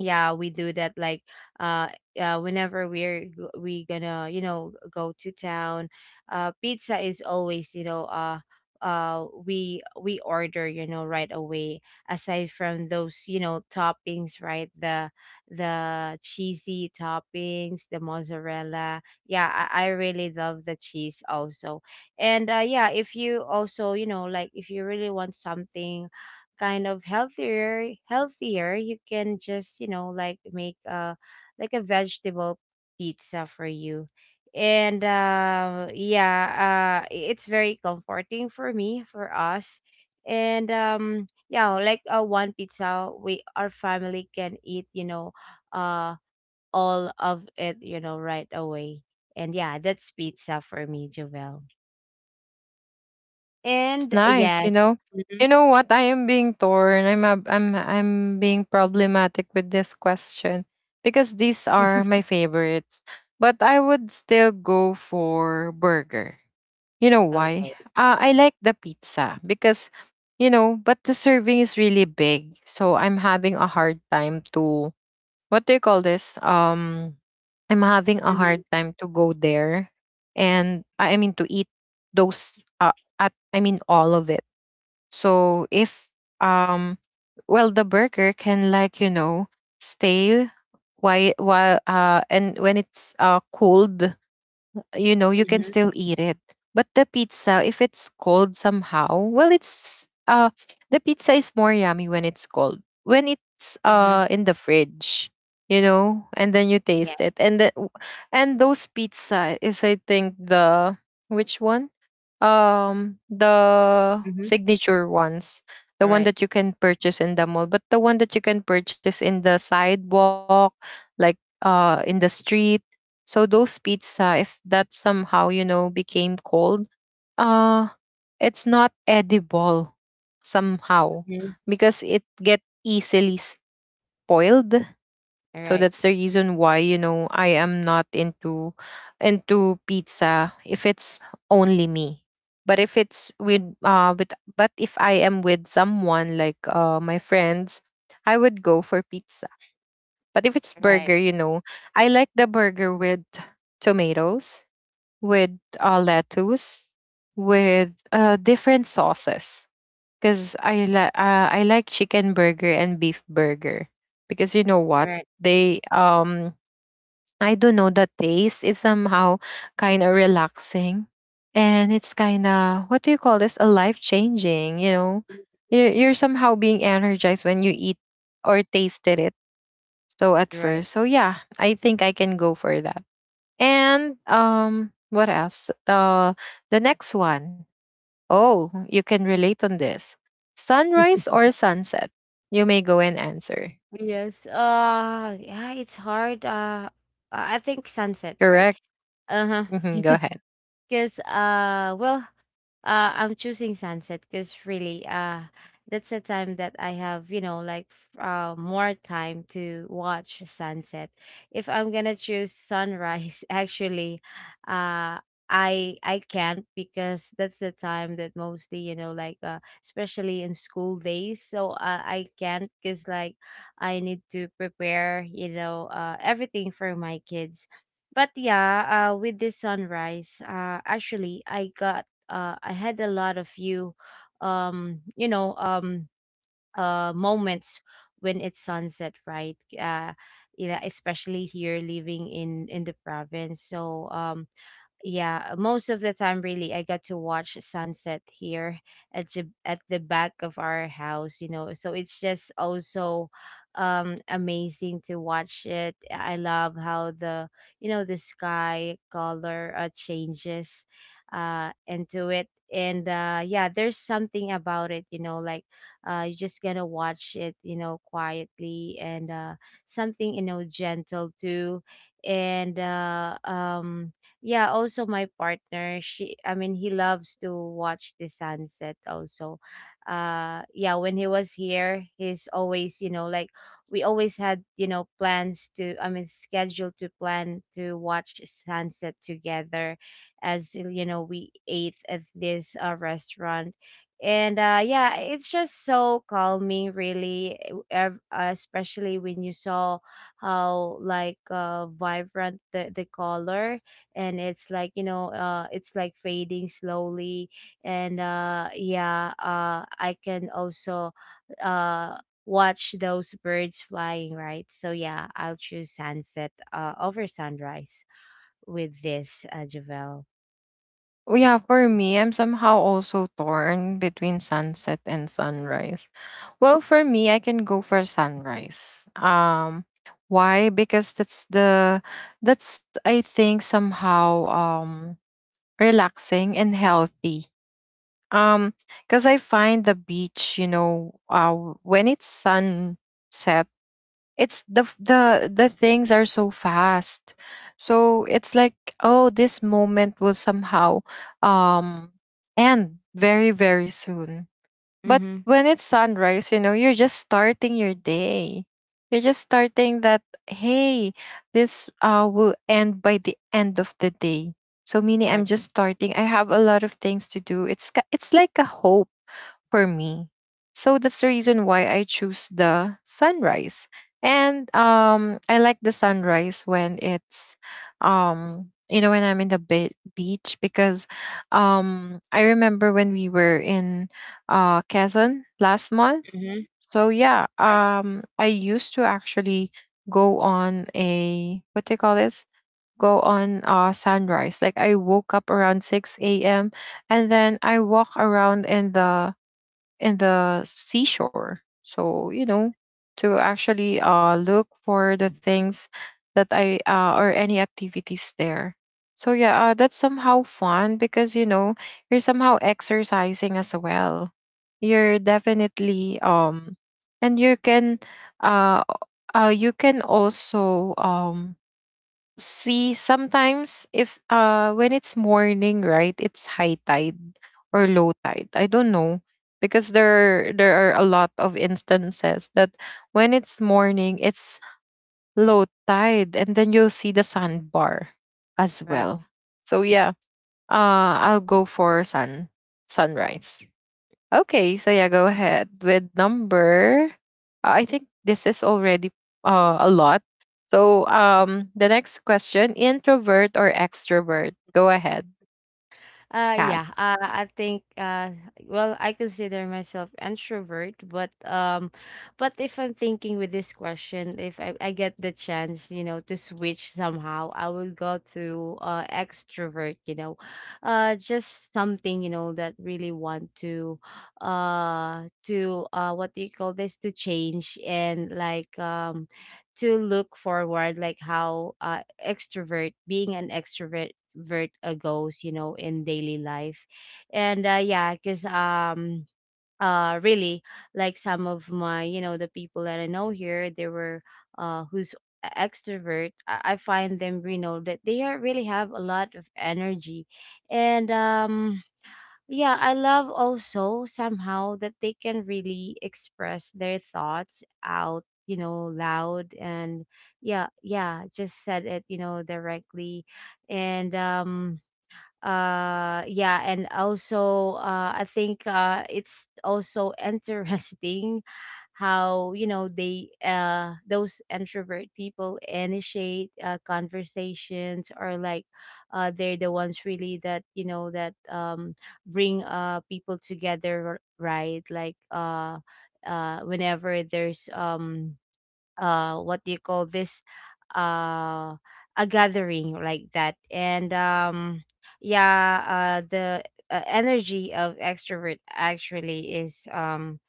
Speaker 2: yeah, we do that like uh whenever we gonna, you know, go to town. Pizza is always, you know, we order, you know, right away aside from those, you know, toppings, right? The cheesy toppings, the mozzarella. Yeah, I really love the cheese also. And yeah, if you also, you know, like if you really want something kind of healthier, healthier, you can just, you know, like make a like a vegetable pizza for you. And yeah, it's very comforting for me, for us. And yeah, one pizza, we our family can eat, you know, uh all of it, you know, right away. And yeah, that's pizza for me, Jovel.
Speaker 1: It's
Speaker 2: And
Speaker 1: nice, you
Speaker 2: yes.
Speaker 1: know.
Speaker 2: Mhm.
Speaker 1: You know what? I am being torn. I'm being problematic with this question, because these are my favorites. But I would still go for burger. You know
Speaker 2: Okay.
Speaker 1: why? I like the pizza because, you know, but the serving is really big. So I'm having a hard time to, what do you call this? I'm having a
Speaker 2: Mhm.
Speaker 1: hard time to go there, and I mean to eat those. At I mean all of it. So if um, well, the burger can, like, you know, stay while and when it's cooled, you know, you can
Speaker 2: Mhm.
Speaker 1: still eat it. But the pizza, if it's cold somehow, well, it's the pizza is more yummy when it's cold. When it's
Speaker 2: Mhm.
Speaker 1: in the fridge, you know, and then you
Speaker 2: Yeah.
Speaker 1: taste it, and those pizza is, I think, which one, the
Speaker 2: Mhm.
Speaker 1: signature ones, the
Speaker 2: All
Speaker 1: one
Speaker 2: right.
Speaker 1: that you can purchase in the mall, but the one that you can purchase in the sidewalk, like, in the street. So those pizza, if that somehow, you know, became cold, uh it's not edible, somehow,
Speaker 2: Mhm.
Speaker 1: because it get easily spoiled.
Speaker 2: All
Speaker 1: So
Speaker 2: right.
Speaker 1: that's the reason why, you know, I am not into pizza if it's only me. But if it's with but if I am with someone, like my friends, I would go for pizza. But if it's
Speaker 2: All right.
Speaker 1: burger, you know, I like the burger with tomatoes, with lettuce, with different sauces, because I like, I like chicken burger and beef burger, because you know
Speaker 2: All
Speaker 1: what,
Speaker 2: right.
Speaker 1: they I don't know, the taste is somehow kind of relaxing. And it's kind of, what do you call this, a life changing, you know. You're somehow being energized when you eat or tasted it. So at
Speaker 2: You're right.
Speaker 1: first, so yeah, I think I can go for that. And what else? The next one. Oh, you can relate on this. Sunrise or sunset? You may go and answer.
Speaker 2: Yes. Yeah, it's hard. I think sunset, right?
Speaker 1: Correct?
Speaker 2: Uh-huh.
Speaker 1: Mhm, go ahead.
Speaker 2: Because well, I'm choosing sunset because really that's a time that I have, you know, like more time to watch sunset. If I'm gonna choose sunrise, actually, uh I can't, because that's the time that mostly, you know, especially in school days. So I can't because like I need to prepare, you know, everything for my kids. But yeah, with this sunrise, actually, I got, I had a lot of you, um, you know, um, moments when it's sunset, right? Yeah, especially here living in the province. So, yeah, most of the time, really, I got to watch sunset here at the back of our house, you know. So it's just also amazing to watch it. I love how the, you know, the sky color changes into it. And yeah, there's something about it, you know, like you're just gonna watch it, you know, quietly. And something, you know, gentle too. And yeah, also my partner, she, I mean he, loves to watch the sunset also. Yeah, when he was here, he's always, you know, like we always had, you know, plans to, I mean scheduled to plan to watch sunset together, as you know, we ate at this restaurant. And yeah, it's just so calming, really, especially when you saw how like vibrant the color. And it's like, you know, it's like fading slowly. And yeah, I can also uh watch those birds flying, right? So yeah, I'll choose sunset over sunrise with this, Javel.
Speaker 1: Oh, yeah, for me, I'm somehow also torn between sunset and sunrise. Well, for me, I can go for sunrise. Why? Because that's, I think, somehow relaxing and healthy. Um, because I find the beach, when it's sunset, it's the f- the things are so fast, so it's like, oh, this moment will somehow um end very, very soon. But
Speaker 2: Mm-hmm.
Speaker 1: when it's sunrise, you know, you're just starting your day. You're just starting that, hey, this will end by the end of the day. So meaning I'm
Speaker 2: Right.
Speaker 1: just starting. I have a lot of things to do. It's it's like a hope for me. So that's the reason why I choose the sunrise. And I like the sunrise when it's when I'm in the beach, because I remember when we were in Quezon last month.
Speaker 2: Mm-hmm.
Speaker 1: So yeah,
Speaker 2: Right.
Speaker 1: I used to actually go on a, what do you call this? Go on sunrise. Like I woke up around 6 a.m. and then I walk around in the seashore. So, to actually look for the things that or any activities there. So, yeah, that's somehow fun because, you know, you're somehow exercising as well. You're definitely, and uh, you can also, see sometimes, if when it's morning, right, it's high tide or low tide, I don't know, because there are a lot of instances that when it's morning, it's low tide and then you'll see the sandbar as
Speaker 2: Right.
Speaker 1: well. So yeah, I'll go for sunrise. Okay, so yeah, go ahead with number. I think this is already a lot. So the next question: introvert or extrovert? Go ahead, Kat.
Speaker 2: Yeah. I think. Well, I consider myself introvert, but but if I'm thinking with this question, if I get the chance, you know, to switch somehow, I will go to extrovert. You know, just something, you know, that really want to, what do you call this? To change and to look forward, like how extrovert, being an extrovert vert goes, you know, in daily life. And yeah, because really, like some of my, you know, the people that I know here, they were who's extrovert. I find them, you know, that they are, really have a lot of energy. And yeah, I love also somehow that they can really express their thoughts out, you know, loud. And yeah, yeah, just said it, you know, directly. And yeah, and also I think it's also interesting how, you know, they those introvert people initiate conversations, or like they're the ones really that, you know, that bring people together, right? Like whenever there's what do you call this, uh a gathering like that. And yeah, the energy of extrovert actually is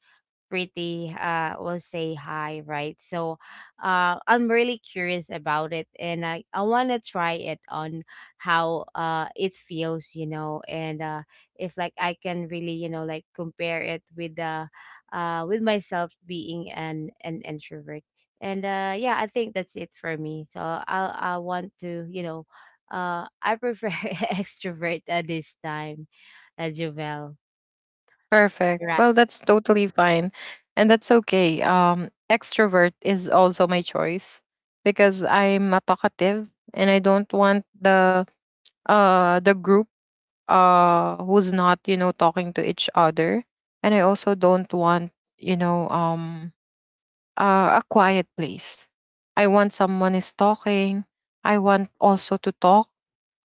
Speaker 2: pretty will say hi, right? So I'm really curious about it, and I want to try it on, how it feels, you know. And if like I can really, you know, like compare it with the, with myself being an introvert. And yeah, I think that's it for me. So I want to, you know, I prefer extrovert at this time, Jovel.
Speaker 1: Perfect.
Speaker 2: Right.
Speaker 1: Well, that's totally fine, and that's okay. Extrovert is also my choice, because I'm not talkative, and I don't want the group who's not, you know, talking to each other, and I also don't want, you know um a quiet place. I want someone is talking. I want also to talk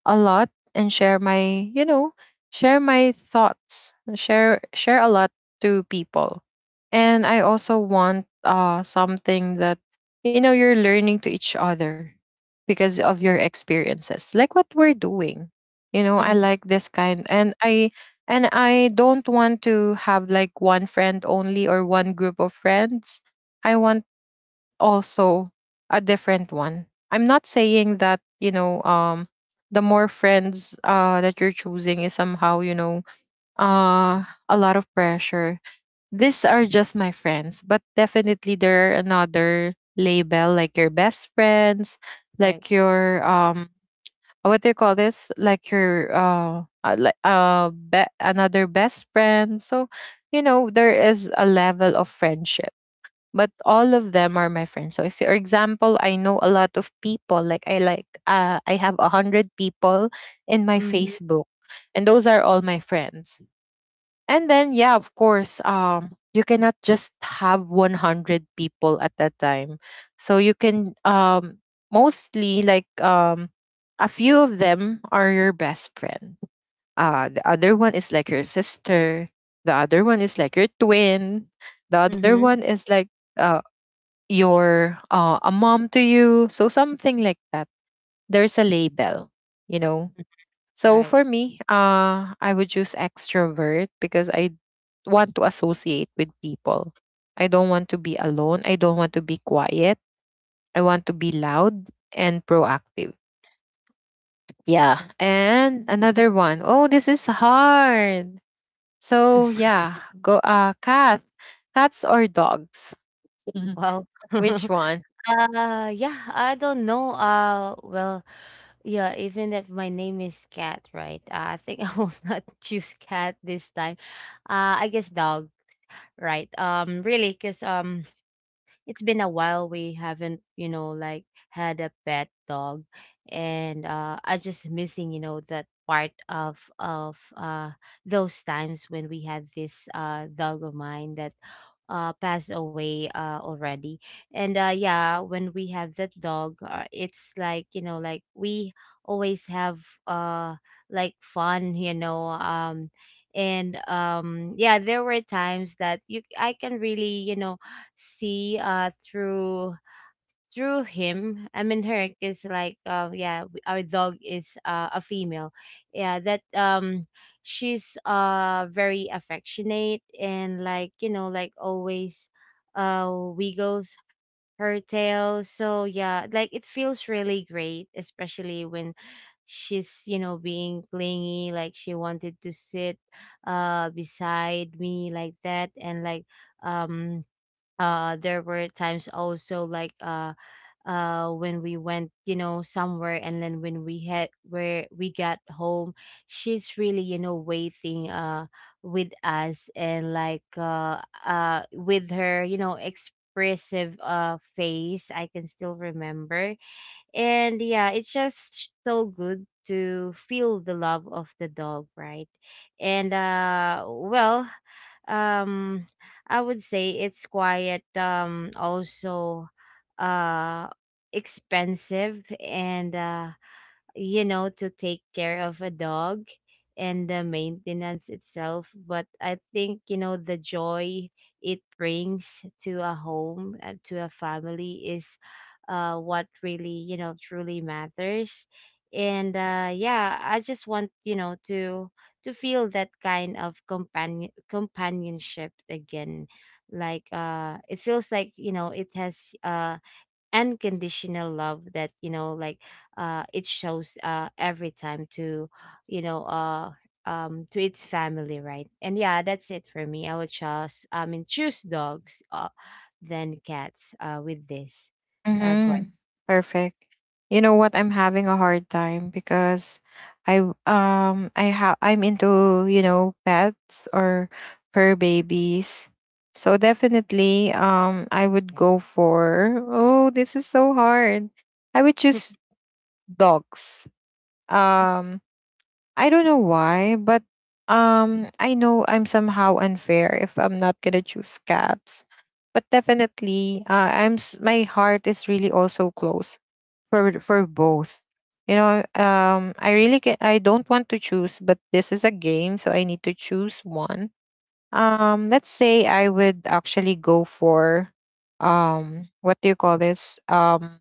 Speaker 1: a lot and share my, share my thoughts, share a lot to people. And I also want something that, you know, you're learning to each other because of your experiences. Like what we're doing. You know, I
Speaker 2: Hmm.
Speaker 1: like this kind, and I don't want to have like one friend only, or one group of friends. I want also a different one. I'm not saying that, you know, the more friends that you're choosing is somehow, you know, a lot of pressure. These are just my friends, but definitely there are another label, like your best friends,
Speaker 2: Right.
Speaker 1: like your, what do you call this? Like your like another best friend. So, you know, there is a level of friendship, but all of them are my friends. So if for example, I know a lot of people, like I have 100 people in my
Speaker 2: Hmm.
Speaker 1: Facebook, and those are all my friends. And then yeah, of course, you cannot just have 100 people at that time. So you can, mostly like, a few of them are your best friend. The other one is like your sister, the other one is like your twin, the other one is like uh, you're a mom to you, so something like that. There's a label, you know.
Speaker 2: All
Speaker 1: So
Speaker 2: right.
Speaker 1: for me, I would choose extrovert because I want to associate with people. I don't want to be alone, I don't want to be quiet, I want to be loud and proactive. Yeah, and another one. Oh, this is hard. So yeah, go Cat. Cats or dogs?
Speaker 2: Well,
Speaker 1: Which one?
Speaker 2: yeah, I don't know. Well, yeah, even if my name is Cat, right? I think I will not choose cat this time. I guess dog, right? Really, because it's been a while we haven't, you know, like had a pet dog. And I just missing, you know, that part of those times when we had this dog of mine that passed away already. And yeah, when we have that dog, it's like, you know, like we always have like fun, you know. And yeah, there were times that you, I can really, you know, see through through him, I mean her, is like yeah, our dog is a female, yeah, that she's very affectionate, and like, you know, like always wiggles her tail. So yeah, like it feels really great, especially when she's, you know, being clingy, like she wanted to sit beside me like that. And um there were times also when we went, you know, somewhere, and then when we had where we got home, she's really, you know, waiting with us. And with her, you know, expressive face, I can still remember. And yeah, it's just so good to feel the love of the dog, right? And well, um I would say it's quiet. Also uh expensive and you know, to take care of a dog and the maintenance itself. But I think, you know, the joy it brings to a home, to a family, is what really, you know, truly matters. And yeah, I just want, you know, to feel that kind of companion companionship again. Like it feels like, you know, it has unconditional love that, you know, like it shows every time to you know to its family, right? And yeah, that's it for me. I would choose, I mean choose dogs than cats with this question.
Speaker 1: Mm-hmm. Perfect. You know what? I'm having a hard time because I w- I have I'm into, you know, pets or fur babies. So definitely, I would go for, oh, this is so hard. I would choose dogs. Um I don't know why, but I know I'm somehow unfair if I'm not gonna choose cats. But definitely, my heart is really also close for both. You know, I really can, I don't want to choose, but this is a game, so I need to choose one. Let's say I would actually go for, what do you call this?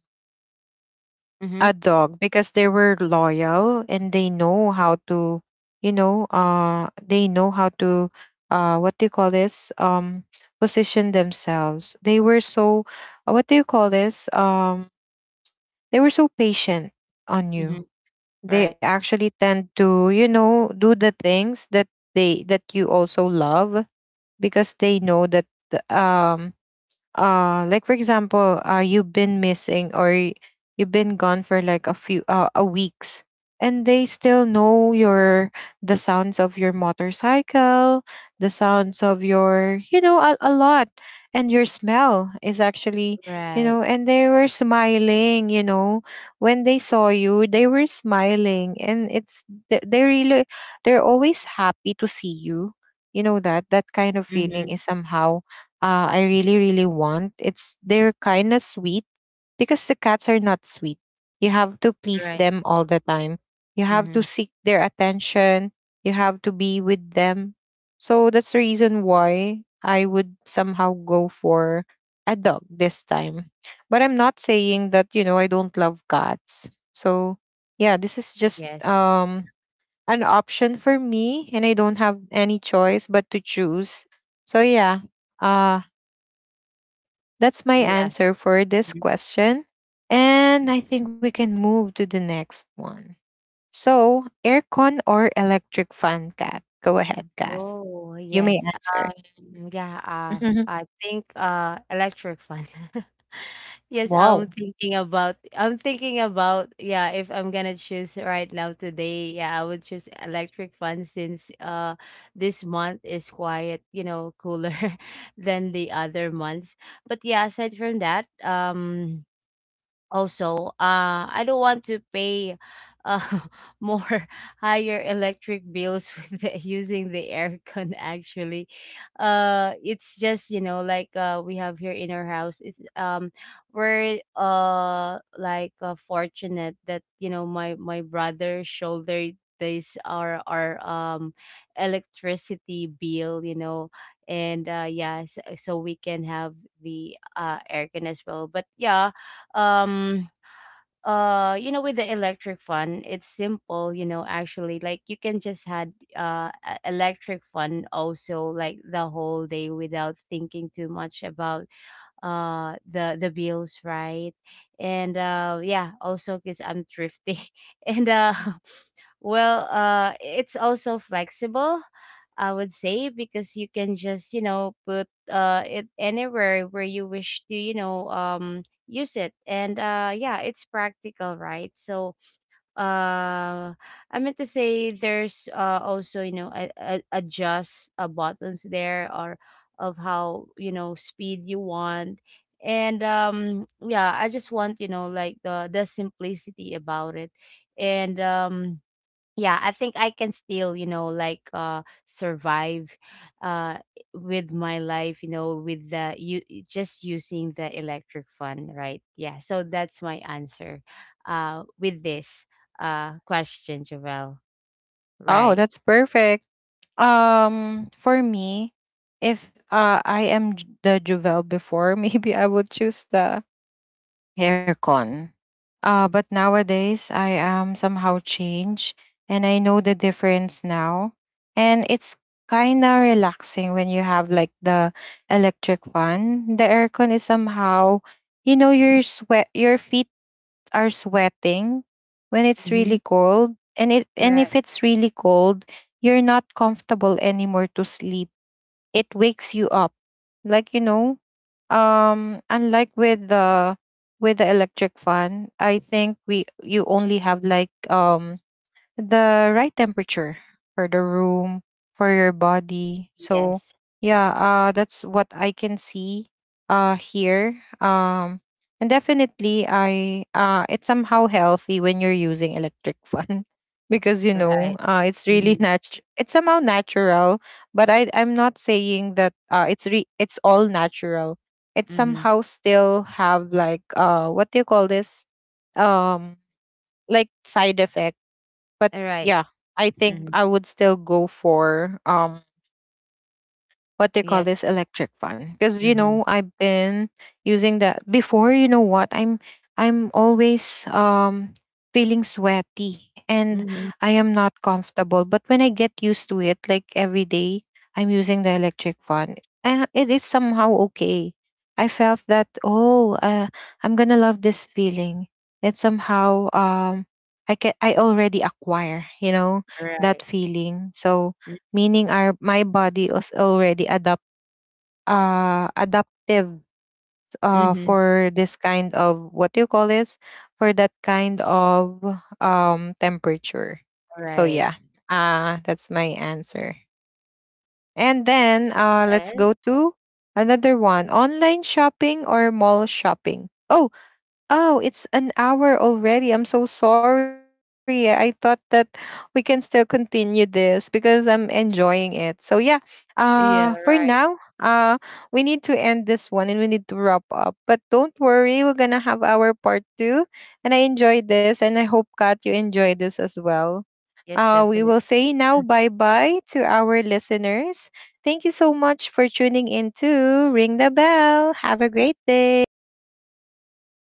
Speaker 2: Mm-hmm.
Speaker 1: A dog, because they were loyal and they know how to, you know uh they know how to what do you call this? Position themselves. They were so, what do you call this? They were so patient on
Speaker 2: Mm-hmm.
Speaker 1: you. They
Speaker 2: Right.
Speaker 1: actually tend to, do the things that they that you also love, because they know that, um like for example, you've been missing, you've been gone for like a few, a weeks, and they still know your, the sounds of your motorcycle, the sounds of your, you know, a lot, and your smell is actually, you
Speaker 2: Right.
Speaker 1: know, and they were smiling, you know, when they saw you, they were smiling, and it's they really they're always happy to see you. You know, that kind of feeling
Speaker 2: Mm-hmm.
Speaker 1: is somehow, I really, really want. It's They're kind of sweet, because the cats are not sweet. You have to please
Speaker 2: Right.
Speaker 1: them all the time. You have
Speaker 2: Mm-hmm.
Speaker 1: to seek their attention. You have to be with them. So that's the reason why I would somehow go for a dog this time. But I'm not saying that, you know, I don't love cats. So yeah, this is just
Speaker 2: Yes.
Speaker 1: an option for me, and I don't have any choice but to choose. So yeah, uh that's my
Speaker 2: Yes.
Speaker 1: answer for this
Speaker 2: Mm-hmm.
Speaker 1: question. And I think we can move to the next one. So, aircon or electric fan, Kat? Go ahead, Kath.
Speaker 2: Oh,
Speaker 1: You may
Speaker 2: yes.
Speaker 1: answer.
Speaker 2: Yeah, I think electric fan. Yes, I'm
Speaker 1: Wow.
Speaker 2: thinking about, I'm thinking about, yeah, if I'm gonna choose right now today, yeah, I would choose electric fan, since this month is quiet, you know, cooler than the other months. But yeah, aside from that, also, I don't want to pay uh, more higher electric bills with the, using the aircon, actually. It's just, you know, like we have here in our house, it's we're fortunate that, you know, my brother shouldered this, our electricity bill, you know. And yeah, so, so we can have the aircon as well. But yeah, um you know, with the electric fan, it's simple, you know, actually. Like you can just had electric fan also like the whole day without thinking too much about the bills, right? And yeah, also because I'm thrifty and well, it's also flexible, I would say, because you can just, you know, put it anywhere where you wish to, you know, use it. And yeah, it's practical, right? So uh I meant to say there's also, you know, a adjust buttons there, or of how, you know, speed you want. And yeah, I just want, you know, like the simplicity about it. And yeah, I think I can still, you know, like survive uh with my life, you know, with the you just using the electric fun, right? Yeah, so that's my answer with this question, Javel.
Speaker 1: Oh,
Speaker 2: Right.
Speaker 1: that's perfect. For me, if I am, the Juvel before, maybe I would choose the aircon. But nowadays, I am somehow changed, and I know the difference now. And it's kind of relaxing when you have like the electric fan. The aircon is somehow, you know, your sweat, your feet are sweating when it's
Speaker 2: Mm-hmm.
Speaker 1: really cold. And
Speaker 2: Right.
Speaker 1: if it's really cold, you're not comfortable anymore to sleep, it wakes you up. Like, you know, unlike with the electric fan, I think we you only have like, the right temperature for the room, for your body. So
Speaker 2: Yes.
Speaker 1: yeah, that's what I can see here. And definitely, I it's somehow healthy when you're using electric fan because, you
Speaker 2: Right.
Speaker 1: know, it's really nat it's somehow natural. But I'm not saying that it's all natural. It
Speaker 2: Mm-hmm.
Speaker 1: somehow still have like, what do you call this? um like side effects. But
Speaker 2: All right.
Speaker 1: yeah, I think
Speaker 2: Mm-hmm.
Speaker 1: I would still go for, what they call
Speaker 2: Yes.
Speaker 1: this, electric fan, because you
Speaker 2: Mm-hmm.
Speaker 1: know, I've been using that before. You know what, I'm always, feeling sweaty, and
Speaker 2: Mm-hmm.
Speaker 1: I am not comfortable, but when I get used to it, like every day I'm using the electric fan, it is somehow okay. I felt that, oh, I'm gonna love this feeling. It's somehow, I can, I already acquire, you know, that
Speaker 2: Right.
Speaker 1: feeling. So meaning our, my body is already adaptive
Speaker 2: Mm-hmm.
Speaker 1: for this kind of, what do you call this, for that kind of, temperature. So
Speaker 2: Right.
Speaker 1: yeah, that's my answer. And then let's
Speaker 2: Yes.
Speaker 1: go to another one: online shopping or mall shopping? Oh, oh, it's an hour already. I'm so sorry. I thought that we can still continue this because I'm enjoying it. So yeah, for
Speaker 2: Yeah.
Speaker 1: now,
Speaker 2: Right.
Speaker 1: we need to end this one, and we need to wrap up. But don't worry, we're gonna have our part two. And I enjoyed this, and I hope, Kat, you enjoy this as well.
Speaker 2: Yes,
Speaker 1: We
Speaker 2: definitely.
Speaker 1: will say now, bye bye to our listeners. Thank you so much for tuning in to Ring the Bell. Have a great day.